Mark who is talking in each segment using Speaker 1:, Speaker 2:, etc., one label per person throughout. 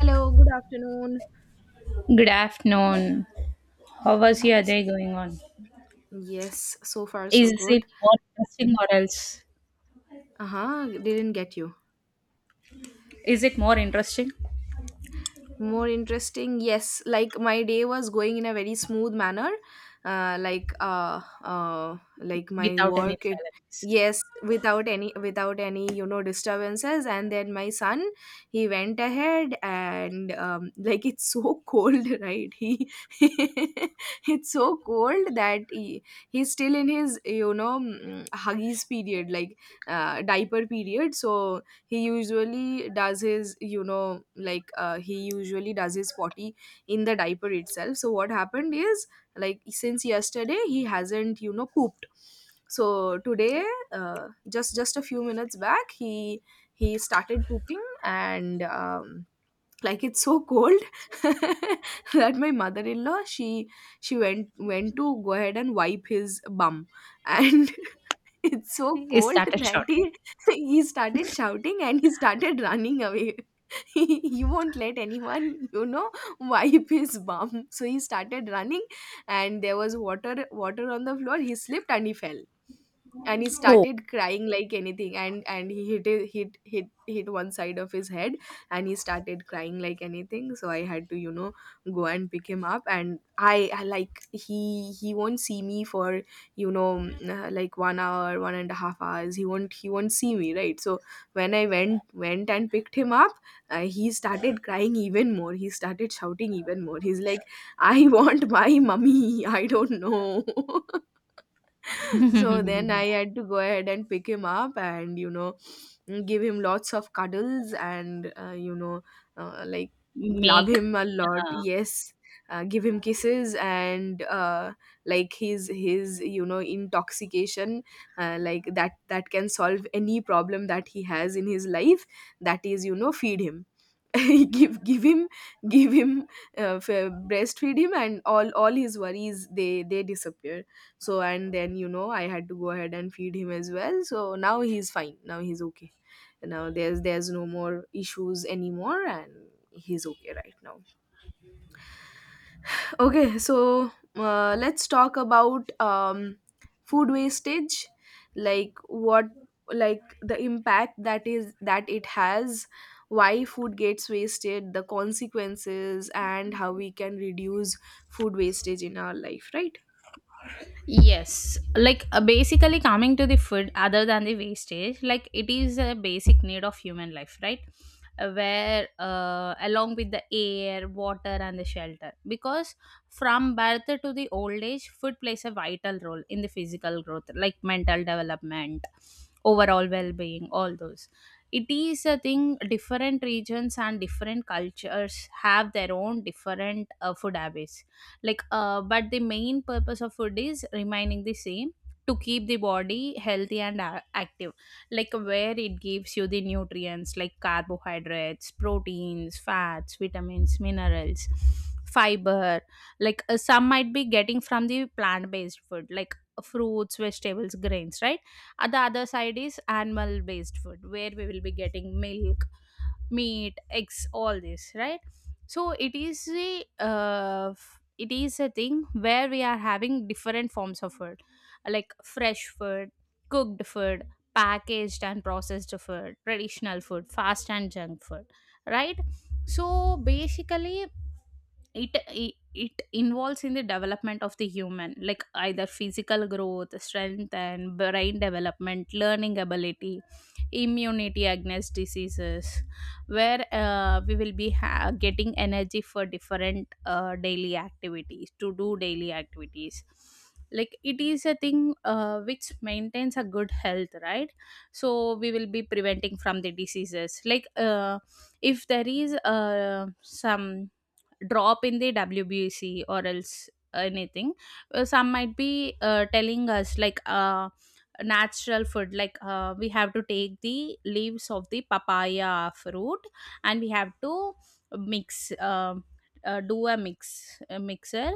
Speaker 1: Hello, good afternoon.
Speaker 2: Good afternoon. How was your day going on?
Speaker 1: Yes, so far so
Speaker 2: Is it
Speaker 1: good.
Speaker 2: more interesting or else?
Speaker 1: Uh huh, didn't get you.
Speaker 2: Is it more interesting
Speaker 1: More interesting, yes, like my day was going in a very smooth manner. Like my
Speaker 2: without any
Speaker 1: work, it...
Speaker 2: silence?
Speaker 1: Yes, without any, you know, disturbances. And then my son, he went ahead and like it's so cold, right, he it's so cold that he's still in his, you know, huggies period, like diaper period. So he usually does his, you know, he usually does his potty in the diaper itself. So what happened is, like, since yesterday he hasn't, you know, pooped. So today, just a few minutes back, he started pooping. And like, it's so cold that my mother-in-law, she went to go ahead and wipe his bum. And it's so
Speaker 2: He
Speaker 1: cold
Speaker 2: started
Speaker 1: that he
Speaker 2: shouting.
Speaker 1: he started shouting and he started running away. He won't let anyone, you know, wipe his bum. So he started running, and there was water on the floor. He slipped and he fell, and he
Speaker 2: Oh,
Speaker 1: started crying like anything. And he hit it- hit hit hit one side of his head, and he started crying like anything. So I had to, you know, go and pick him up. And I like he won't see me for, you know, like 1 hour, 1.5 hours, he won't, see me, right? So when I went and picked him up, he started crying even more, he started shouting even more. He's like, I want my mummy, I don't know. So then I had to go ahead and pick him up and, you know, give him lots of cuddles and, like, love
Speaker 2: make
Speaker 1: him a lot,
Speaker 2: uh,
Speaker 1: yes. Give him kisses and, like, his, you know, intoxication, like that that can solve any problem that he has in his life. That is, you know, feed him. give give him give him breastfeed him and all his worries, they disappear. So, and then, you know, I had to go ahead and feed him as well. So now he's fine, now he's okay. Now there's no more issues anymore, and he's okay right now. Okay, so let's talk about, food wastage, like the impact that is that it has, why food gets wasted, the consequences, and how we can reduce food wastage in our life, right?
Speaker 2: yes, basically coming to the food other than the wastage, like it is a basic need of human life, right? Where along with the air, water, and the shelter, because from birth to the old age, food plays a vital role in the physical growth, like mental development, overall well-being, all those. It is a thing. Different regions and different cultures have their own different food habits, like but the main purpose of food is remaining the same, to keep the body healthy and active, like where it gives you the nutrients like carbohydrates, proteins, fats, vitamins, minerals, fiber. Some might be getting from the plant based food like fruits, vegetables, grains, right? At the other side is animal based food where we will be getting milk, meat, eggs, all this, right? So it is a it is a thing where we are having different forms of food, like fresh food, cooked food, packaged and processed food, traditional food, fast and junk food, right? So basically it involves in the development of the human, like either physical growth, strength and brain development, learning ability, immunity against diseases, where we will be getting energy for different daily activities, to do daily activities. Like it is a thing which maintains a good health, right? So we will be preventing from the diseases, like if there is some drop in the WBC or else anything. Some might be telling us like natural food, like we have to take the leaves of the papaya fruit and we have to mix. Do a mixer,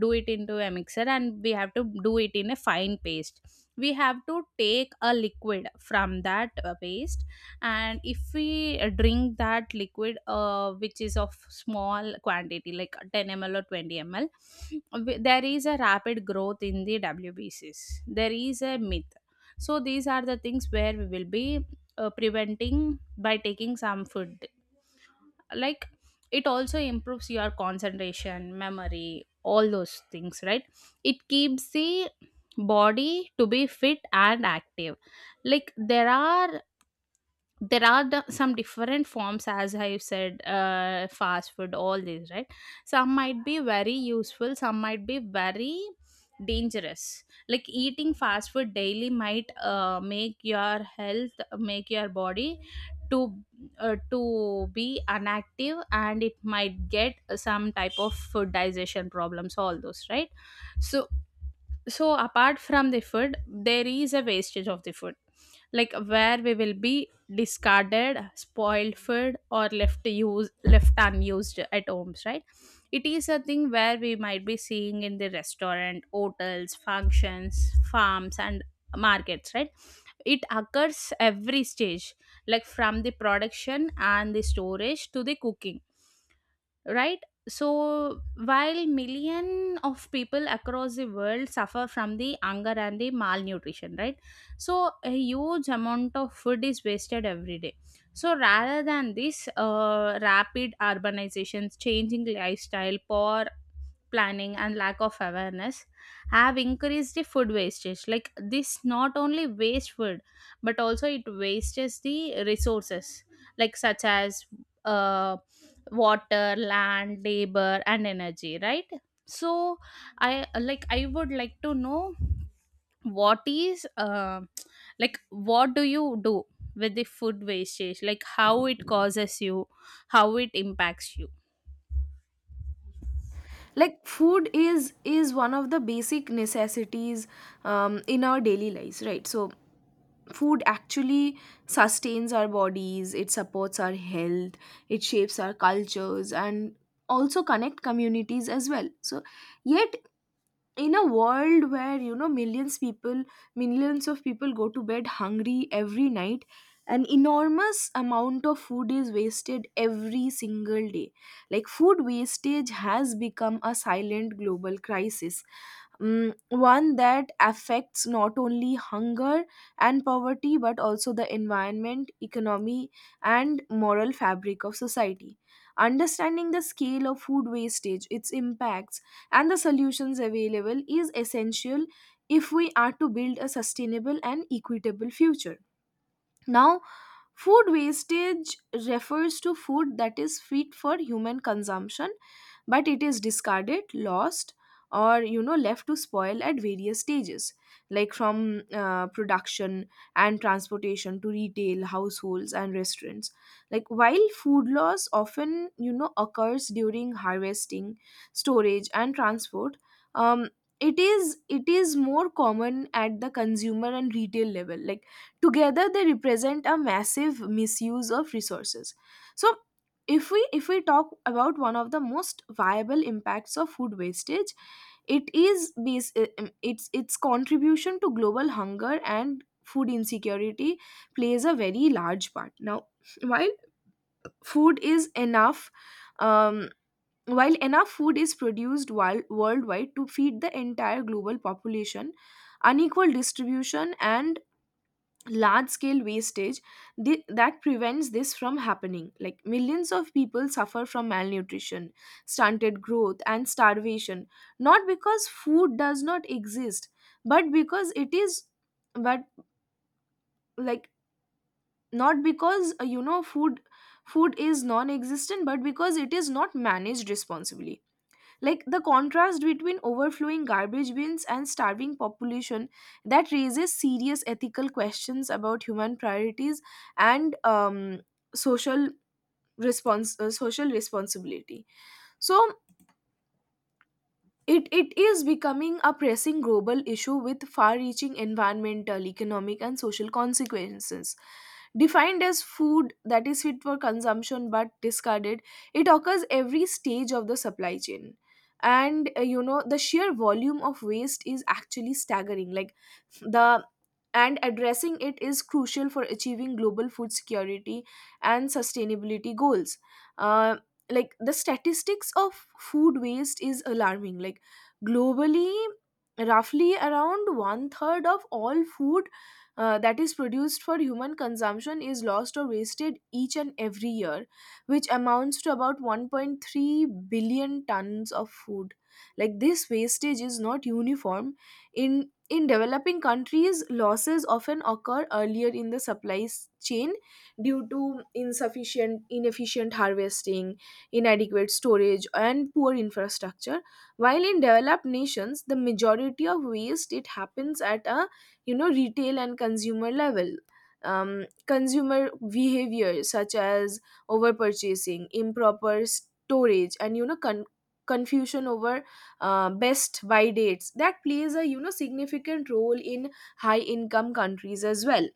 Speaker 2: do it into a mixer and we have to do it in a fine paste. We have to take a liquid from that paste, and if we drink that liquid, which is of small quantity like 10 mL or 20 mL, there is a rapid growth in the wbcs, there is a myth. So these are the things where we will be preventing by taking some food. Like it also improves your concentration, memory, all those things, right? It keeps the body to be fit and active. Like some different forms, as I said, fast food, all these, right? Some might be very useful, some might be very dangerous, like eating fast food daily might make your health, make your body to to be inactive, and it might get some type of food digestion problems, all those, right? So, so apart from the food there is a wastage of the food, like where we will be discarded spoiled food or left use left unused at homes, right? It is a thing where we might be seeing in the restaurant, hotels, functions, farms and markets, right? It occurs every stage, like from the production and the storage to the cooking, right? So while million of people across the world suffer from the hunger and the malnutrition, right? So a huge amount of food is wasted every day. So rather than this rapid urbanizations, changing lifestyle, poor planning and lack of awareness have increased the food wastage, like this not only waste food but also it wastes the resources, like such as uh, water, land, labor and energy, right? So I would like to know what is what do you do with the food wastage, like how it causes you, how it impacts you.
Speaker 1: Like, food is one of the basic necessities in our daily lives, right? So food actually sustains our bodies, it supports our health, it shapes our cultures, and also connect communities as well. So yet, in a world where, you know, millions of people go to bed hungry every night, an enormous amount of food is wasted every single day. Like, food wastage has become a silent global crisis. Mm, one that affects not only hunger and poverty, but also the environment, economy, and moral fabric of society. Understanding the scale of food wastage, its impacts, and the solutions available is essential if we are to build a sustainable and equitable future. Now, food wastage refers to food that is fit for human consumption, but it is discarded, lost, or, you know, left to spoil at various stages, like from production and transportation to retail, households, and restaurants. Like, while food loss often, you know, occurs during harvesting, storage, and transport. Um, it is more common at the consumer and retail level. Like, together they represent a massive misuse of resources. So, if we talk about one of the most viable impacts of food wastage, it is its contribution to global hunger and food insecurity plays a very large part. Now, while food is enough, um, while enough food is produced while, worldwide, to feed the entire global population, unequal distribution and large scale wastage, that prevents this from happening. Like, millions of people suffer from malnutrition, stunted growth, and starvation, not because food does not exist, but because it is, but, like, not because, food, is non existent, but because it is not managed responsibly. Like, the contrast between overflowing garbage bins and starving population, that raises serious ethical questions about human priorities and, social response social responsibility. So it is becoming a pressing global issue with far reaching environmental, economic, and social consequences. Defined as food that is fit for consumption but discarded, it occurs every stage of the supply chain. And, you know, the sheer volume of waste is actually staggering. Like the and addressing it is crucial for achieving global food security and sustainability goals. Uh, like, the statistics of food waste is alarming. Like, globally, roughly around one third of all food, that is produced for human consumption is lost or wasted each and every year, which amounts to about 1.3 billion tons of food. Like, this wastage is not uniform. In developing countries, losses often occur earlier in the chain due to inefficient harvesting, inadequate storage, and poor infrastructure, while in developed nations, the majority of waste, it happens at a, you know, retail and consumer level. Consumer behavior such as over purchasing, improper storage, and, you know, confusion over, best buy dates, that plays a, you know, significant role in high income countries as well.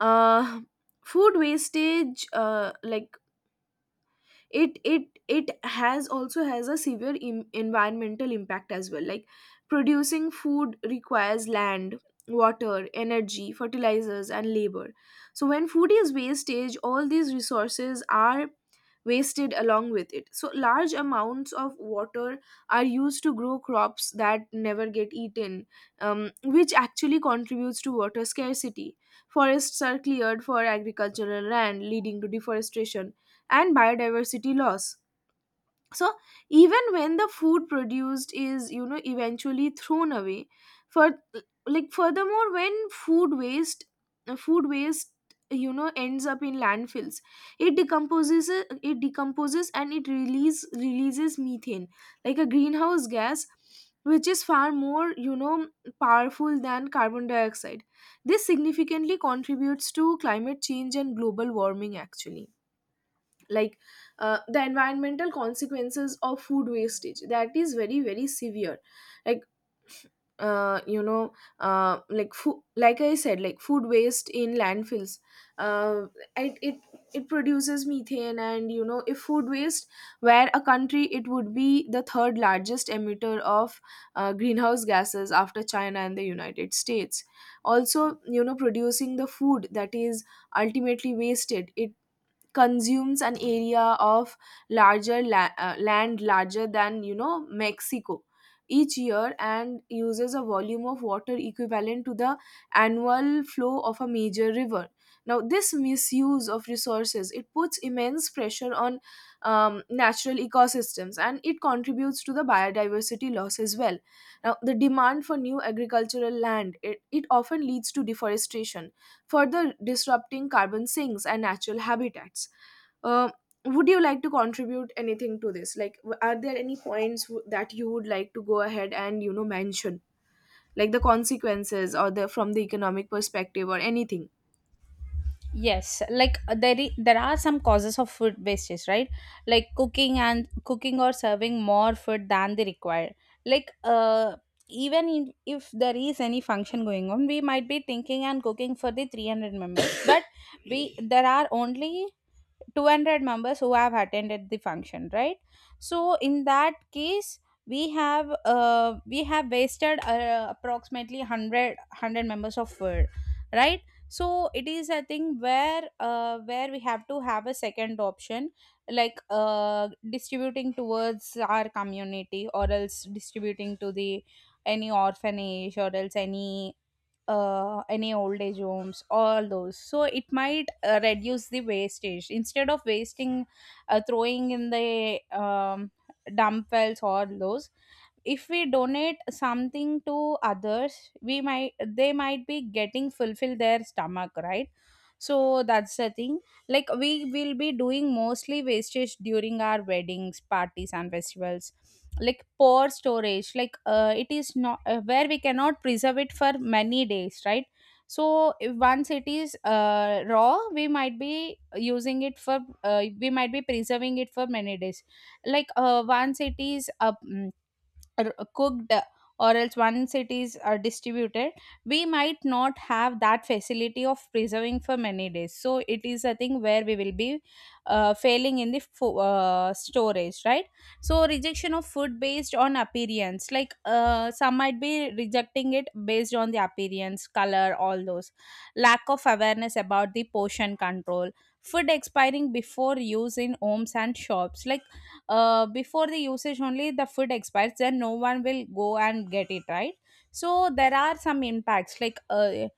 Speaker 1: Uh, Food wastage, like, it has a severe environmental impact as well. Like, producing food requires land, water, energy, fertilizers, and labor. So when food is wastage, all these resources are wasted along with it. So large amounts of water are used to grow crops that never get eaten, which actually contributes to water scarcity. Forests are cleared for agricultural land, leading to deforestation and biodiversity loss, so even when the food produced is, you know, eventually thrown away. For, like, furthermore, when food waste, food waste, you know, ends up in landfills, it decomposes and it releases methane, like a greenhouse gas, which is far more, you know, powerful than carbon dioxide. This significantly contributes to climate change and global warming, actually. Like, the environmental consequences of food wastage, that is very very severe. Like, uh, you know like, like I said, like, food waste in landfills, uh, it it produces methane. And, you know, if food waste were a country, it would be the third largest emitter of, greenhouse gases, after China and the United States. Also, you know, producing the food that is ultimately wasted, it consumes an area of land larger than, you know, Mexico each year, and uses a volume of water equivalent to the annual flow of a major river. Now, this misuse of resources, it puts immense pressure on, natural ecosystems, and it contributes to the biodiversity loss as well. Now, the demand for new agricultural land, it often leads to deforestation, further disrupting carbon sinks and natural habitats. Uh, would you like to contribute anything to this? Like, are there any points that you would like to go ahead and, you know, mention, like the consequences, or the from the economic perspective, or anything?
Speaker 2: Yes, like there there are some causes of food wastage, right? Like cooking or serving more food than they require. Like uh, Even in, if there is any function going on, we might be thinking and cooking for the 300 members, but we there are only 200 members who have attended the function, right? So in that case we have wasted approximately 100 members of food, right? So it is a thing where we have to have a second option, like distributing towards our community or else distributing to the any orphanage or else any old age homes, all those. So it might reduce the wastage instead of wasting throwing in the dump wells, all those. If we donate something to others, we might they might be getting fulfill their stomach, right? So that's the thing. Like we will be doing mostly wastage during our weddings, parties and festivals. Like poor storage, like it is not where we cannot preserve it for many days, right? So if once it is raw, we might be using it for we might be preserving it for many days. Like once it is cooked, or else once it is distributed, we might not have that facility of preserving for many days. So it is a thing where we will be failing in the storage, right? So rejection of food based on appearance, like some might be rejecting it based on the appearance, color, all those. Lack of awareness about the portion control, food expiring before use in homes and shops, like before the usage only the food expires, then no one will go and get it, right? So there are some impacts, like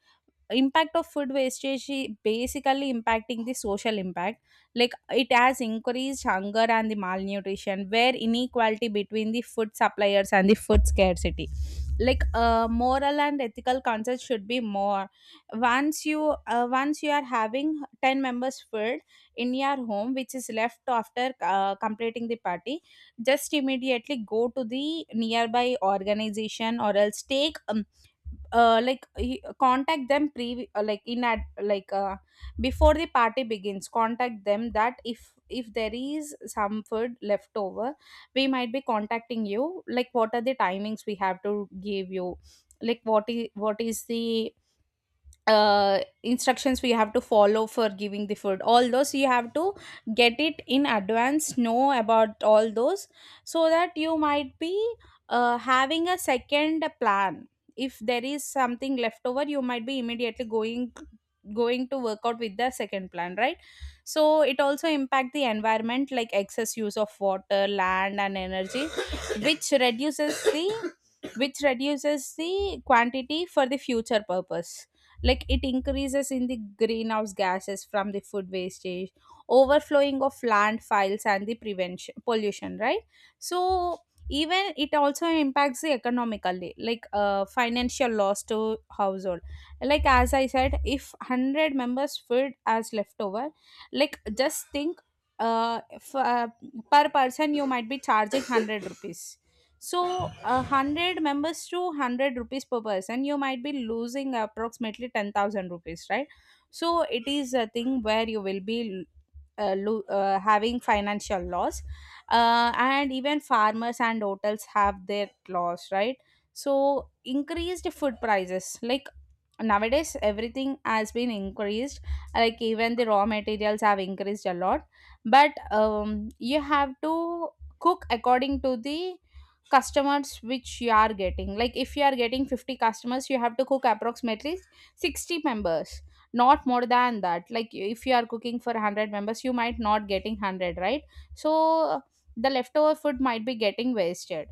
Speaker 2: impact of food wastage is basically impacting the social impact. Like it has increased hunger and the malnutrition, where inequality between the food suppliers and the food scarcity, like moral and ethical concerns should be more. Once you once you are having 10 members food in your home which is left after completing the party, just immediately go to the nearby organization, or else take contact them pre like in ad, like before the party begins. Contact them that if there is some food left over, we might be contacting you, like what are the timings we have to give you, like what is the instructions we have to follow for giving the food, all those. You have to get it in advance, know about all those, so that you might be having a second plan. If there is something left over, you might be immediately going to work out with the second plan, right? So it also impact the environment, like excess use of water, land and energy, which reduces the quantity for the future purpose. Like it increases in the greenhouse gases from the food wastage, overflowing of landfills and the prevention pollution, right? So even it also impacts the economically, like financial loss to household. Like as I said, if 100 members food as leftover, like just think, uh, f- uh, per person you might be charging 100 rupees. So a hundred members to 100 rupees per person, you might be losing approximately 10,000 rupees, right? So it is a thing where you will be having financial loss, and even farmers and hotels have their loss, right? So increased food prices, like nowadays everything has been increased, like even the raw materials have increased a lot, but you have to cook according to the customers which you are getting. Like if you are getting 50 customers, you have to cook approximately 60 members, not more than that. Like if you are cooking for 100 members, you might not getting 100, right? So the leftover food might be getting wasted.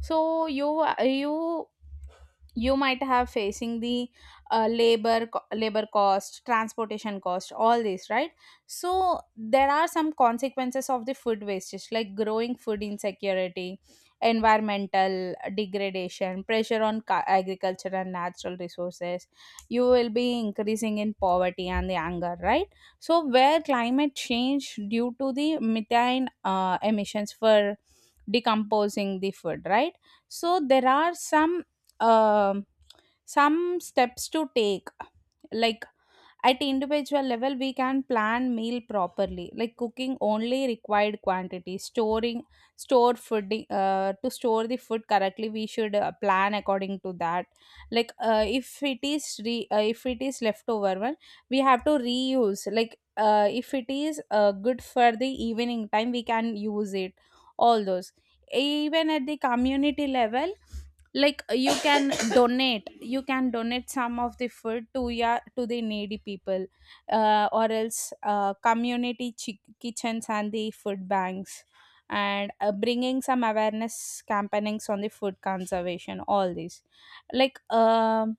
Speaker 2: So you you might have facing the labor cost, transportation cost, all this, right? So there are some consequences of the food wastage, like growing food insecurity, environmental degradation, pressure on agriculture and natural resources. You will be increasing in poverty and the anger, right? So where climate change due to the methane emissions for decomposing the food, right? So there are um, some steps to take, like at individual level we can plan meal properly, like cooking only required quantity, storing store food, to store the food correctly we should plan according to that. Like if it is leftover one, we have to reuse, like if it is good for the evening time, we can use it, all those. Even at the community level, like you can donate you can donate some of the food to ya, to the needy people, or else community kitchens and the food banks, and bringing some awareness campaignings on the food conservation, all these, like um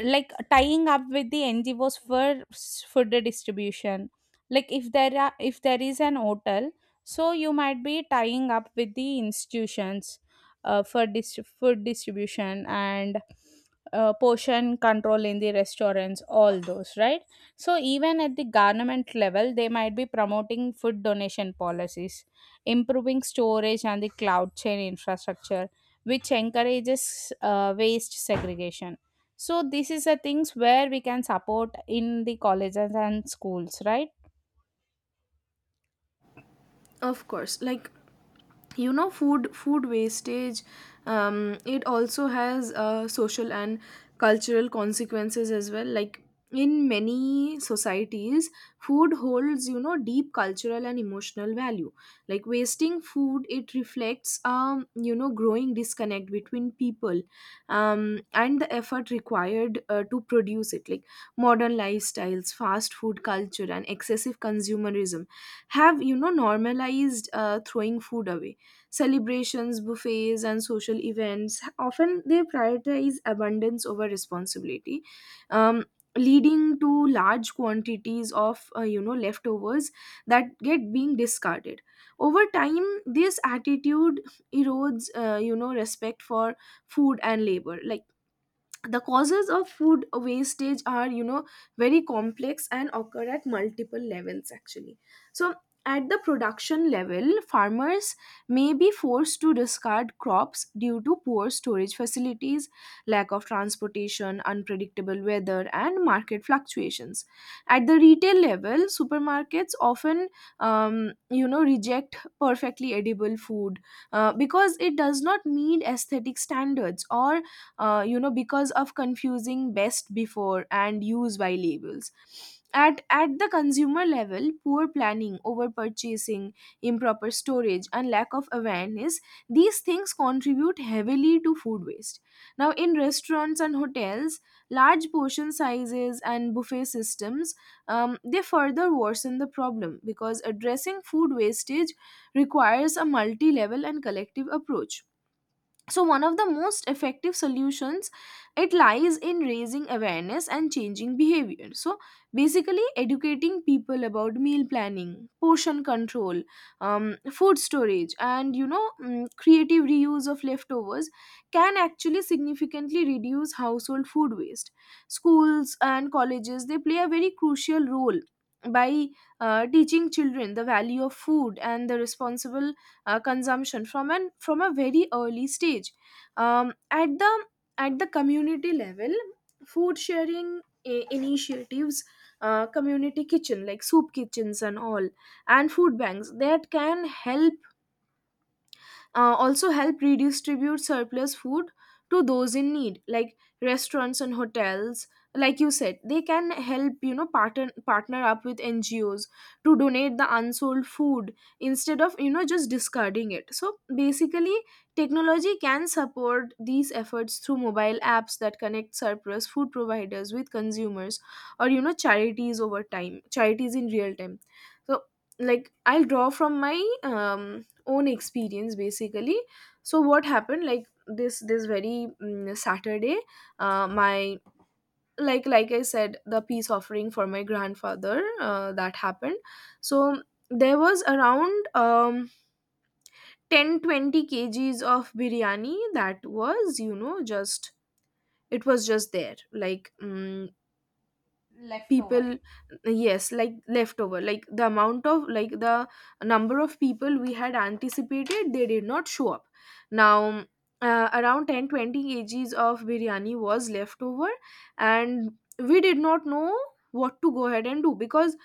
Speaker 2: like tying up with the NGOs for food distribution, like if there are if there is an hotel, so you might be tying up with the institutions for food distribution, and portion control in the restaurants, all those, right? So even at the government level, they might be promoting food donation policies, improving storage and the cloud chain infrastructure, which encourages waste segregation. So this is the things where we can support in the colleges and schools, right?
Speaker 1: Of course, like, you know, food wastage, it also has, social and cultural consequences as well. Like, in many societies, food holds, you know, deep cultural and emotional value. Like, wasting food, it reflects, um, you know, growing disconnect between people, um, and the effort required, to produce it. Like, modern lifestyles, fast food culture, and excessive consumerism have, you know, normalized, throwing food away. Celebrations, buffets, and social events often they prioritize abundance over responsibility, um, leading to large quantities of, you know, leftovers that get being discarded. Over time, this attitude erodes, you know, respect for food and labor. Like, the causes of food wastage are very complex and occur at multiple levels, actually. So at the production level, farmers may be forced to discard crops due to poor storage facilities, lack of transportation, unpredictable weather, and market fluctuations. At the retail level, supermarkets often reject perfectly edible food, because it does not meet aesthetic standards, or because of confusing best before and use by labels. At the consumer level, poor planning, over purchasing, improper storage, and lack of awareness, these things contribute heavily to food waste. Now, in restaurants and hotels, large portion sizes and buffet systems, they further worsen the problem, because addressing food wastage requires a multi-level and collective approach. So one of the most effective solutions, it lies in raising awareness and changing behavior. So basically, educating people about meal planning, portion control, food storage, and creative reuse of leftovers can actually significantly reduce household food waste. Schools and colleges, they play a very crucial role by teaching children the value of food and the responsible consumption from a very early stage. Um, at the at the community level, food sharing initiatives, community kitchen, like soup kitchens and all, and food banks that can help, also help redistribute surplus food to those in need. Like, restaurants and hotels, like you said, they can help, partner up with NGOs to donate the unsold food instead of just discarding it. So basically, technology can support these efforts through mobile apps that connect surplus food providers with consumers, or charities in real time. So, like, I'll draw from my um own experience, basically. So what happened, like, this very Saturday, my like I said, the peace offering for my grandfather, that happened. So there was around 10-20 kgs of biryani that was just, it was just there, like,
Speaker 2: Leftover.
Speaker 1: people. Yes, like, leftover, like, the amount of, like, the number of people we had anticipated, they did not show up. Now, around 10-20 kgs of biryani was left over, and we did not know what to go ahead and do, because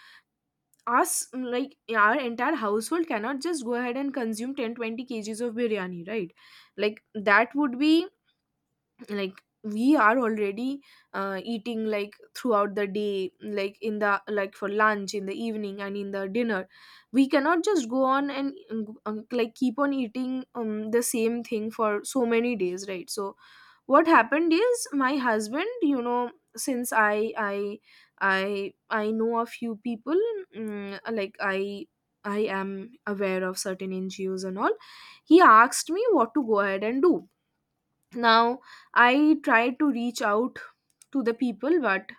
Speaker 1: us like, our entire household cannot just go ahead and consume 10-20 kgs of biryani, right? Like, that would be, like, we are already eating, like, throughout the day, like, in the like, for lunch, in the evening, and in the dinner. We cannot just go on and like keep on eating the same thing for so many days, right? So what happened is, my husband, since I know a few people, like, I am aware of certain NGOs and all, he asked me what to go ahead and do. Now, I tried to reach out to the people, but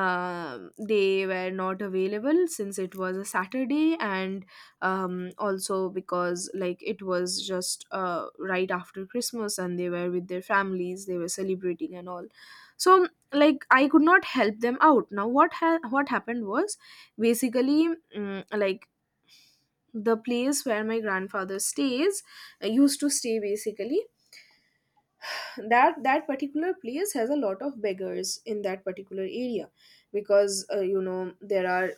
Speaker 1: they were not available since it was a Saturday, and also because, like, it was just right after Christmas, and they were with their families, they were celebrating and all. So, like, I could not help them out. Now what happened was, basically, like, the place where my grandfather stays used to stay, basically, that particular place has a lot of beggars in that particular area, because there are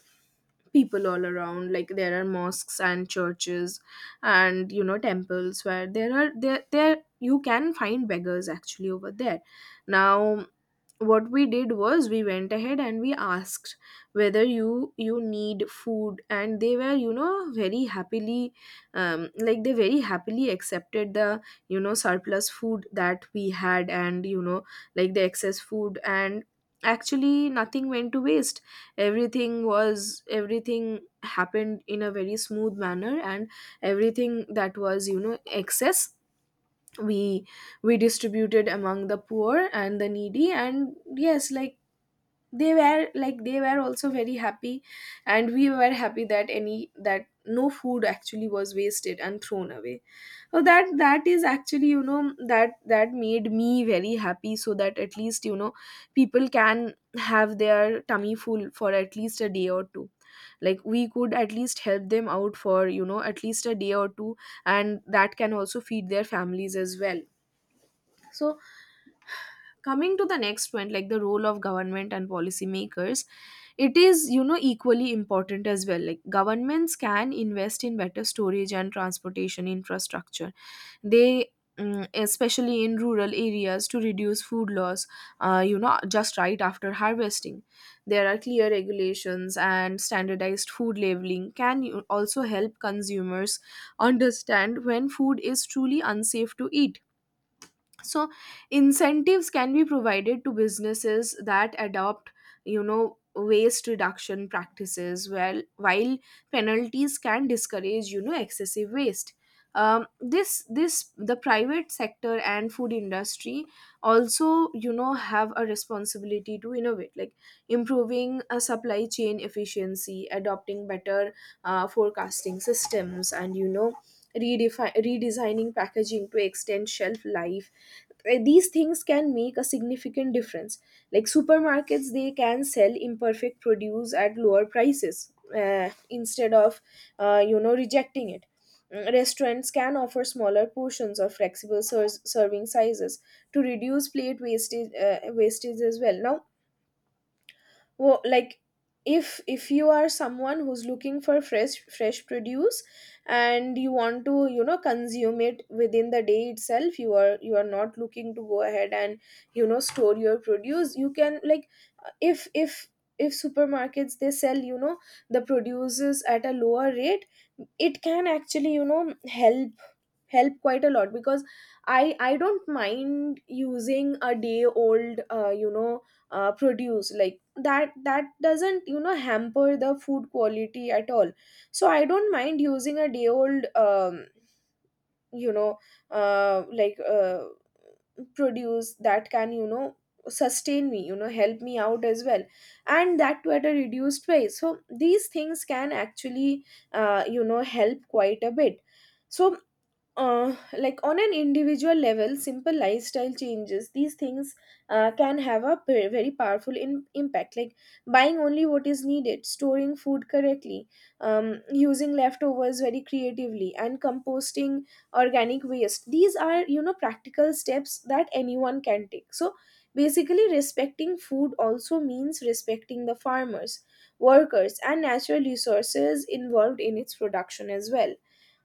Speaker 1: people all around. Like, there are mosques and churches and temples, where there are there there you can find beggars, actually, over there. Now, what we did was, we went ahead and we asked whether you need food, and they were you know very happily like they very happily accepted the surplus food that we had, and like, the excess food, and actually, nothing went to waste. Everything happened in a very smooth manner, and everything that was excess, we we distributed among the poor and the needy. And yes, like, they were also very happy, and we were happy that any that no food actually was wasted and thrown away. So that is actually, that made me very happy, so that at least, people can have their tummy full for at least a day or two. Like, we could at least help them out for, at least a day or two, and that can also feed their families as well. So, coming to the next point, like, the role of government and policymakers, it is, equally important as well. Like, governments can invest in better storage and transportation infrastructure. they Especially in rural areas, to reduce food loss just right after harvesting. There are clear regulations, and standardized food labeling can, also help consumers understand when food is truly unsafe to eat. So incentives can be provided to businesses that adopt waste reduction practices, well while penalties can discourage excessive waste. Um, this this the private sector and food industry also, have a responsibility to innovate, like improving a supply chain efficiency, adopting better forecasting systems, and redesigning packaging to extend shelf life. These things can make a significant difference. Like, supermarkets, they can sell imperfect produce at lower prices instead of rejecting it. Restaurants can offer smaller portions or flexible serving sizes to reduce plate wastage as well. Now, like, if you are someone who's looking for fresh produce and you want to consume it within the day itself, you are not looking to go ahead and store your produce. You can, like, if if if supermarkets, they sell, the produces at a lower rate, it can actually help quite a lot, because I don't mind using a day old produce. Like, that doesn't, hamper the food quality at all. So I don't mind using a day old you know uh, like uh, produce that can, sustain me, help me out as well, and that to at a reduced price. So these things can actually help quite a bit. So like, on an individual level, simple lifestyle changes, these things can have a very powerful impact. Like, buying only what is needed, storing food correctly, using leftovers very creatively, and composting organic waste, these are, practical steps that anyone can take. So basically, respecting food also means respecting the farmers, workers, and natural resources involved in its production as well.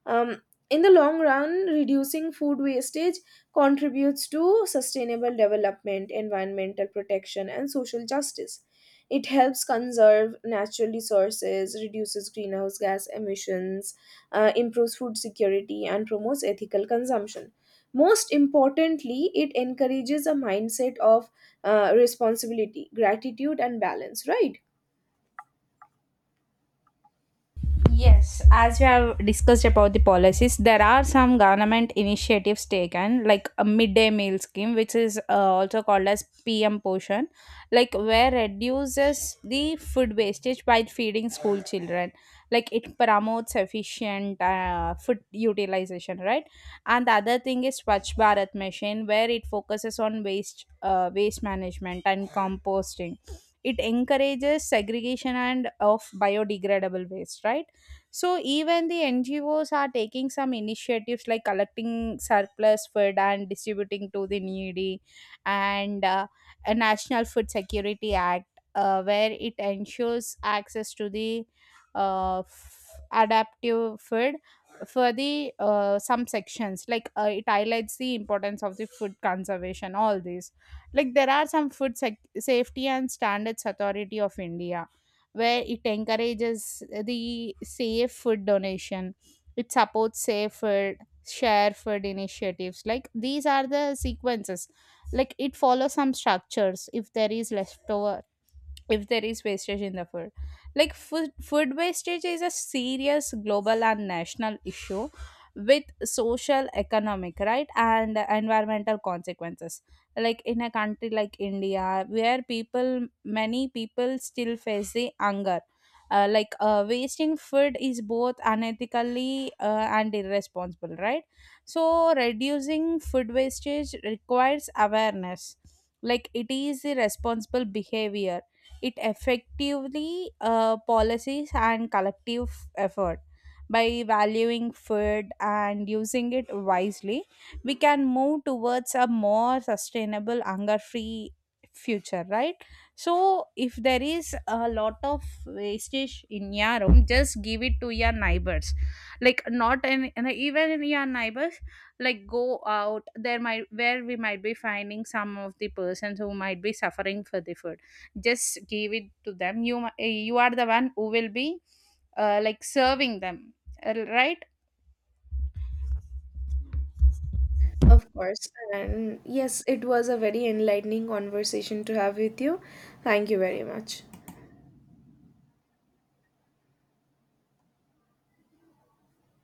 Speaker 1: um, in the long run, reducing food wastage contributes to sustainable development, environmental protection, and social justice. It helps conserve natural resources, reduces greenhouse gas emissions, improves food security, and promotes ethical consumption. Most importantly, it encourages a mindset of responsibility, gratitude, and balance, right?
Speaker 2: Yes, as we have discussed about the policies, there are some government initiatives taken, like a midday meal scheme, which is also called as PM Poshan, like where reduces the food wastage by feeding school children. Like it promotes efficient food utilization, right? And the other thing is Swachh Bharat Mission, where it focuses on waste management and composting. It encourages segregation and of biodegradable waste, right? So even the NGOs are taking some initiatives like collecting surplus food and distributing to the needy, and a National Food Security Act, where it ensures access to the uh, f- adaptive food for the some sections, like it highlights the importance of the food conservation, all these. Like there are some food safety and standards authority of India, where it encourages the safe food donation. It supports safe food, share food initiatives. Like these are the sequences. Like it follows some structures. If there is leftover, if there is wastage in the food, like food wastage is a serious global and national issue, with social, economic, right, and environmental consequences. Like in a country like India, where people many people still face the hunger, like wasting food is both unethically and irresponsible, right? So reducing food wastage requires awareness. Like it is a responsible behavior, it effectively policies and collective effort. By valuing food and using it wisely, we can move towards a more sustainable, hunger free future, right? So if there is a lot of wastage in your room, just give it to your neighbors, like not an, and even your neighbors. Like go out there, might where we might be finding some of the persons who might be suffering for the food, just give it to them. You are the one who will be like serving them, right.
Speaker 1: Of course. And yes, it was a very enlightening conversation to have with you. Thank you very much.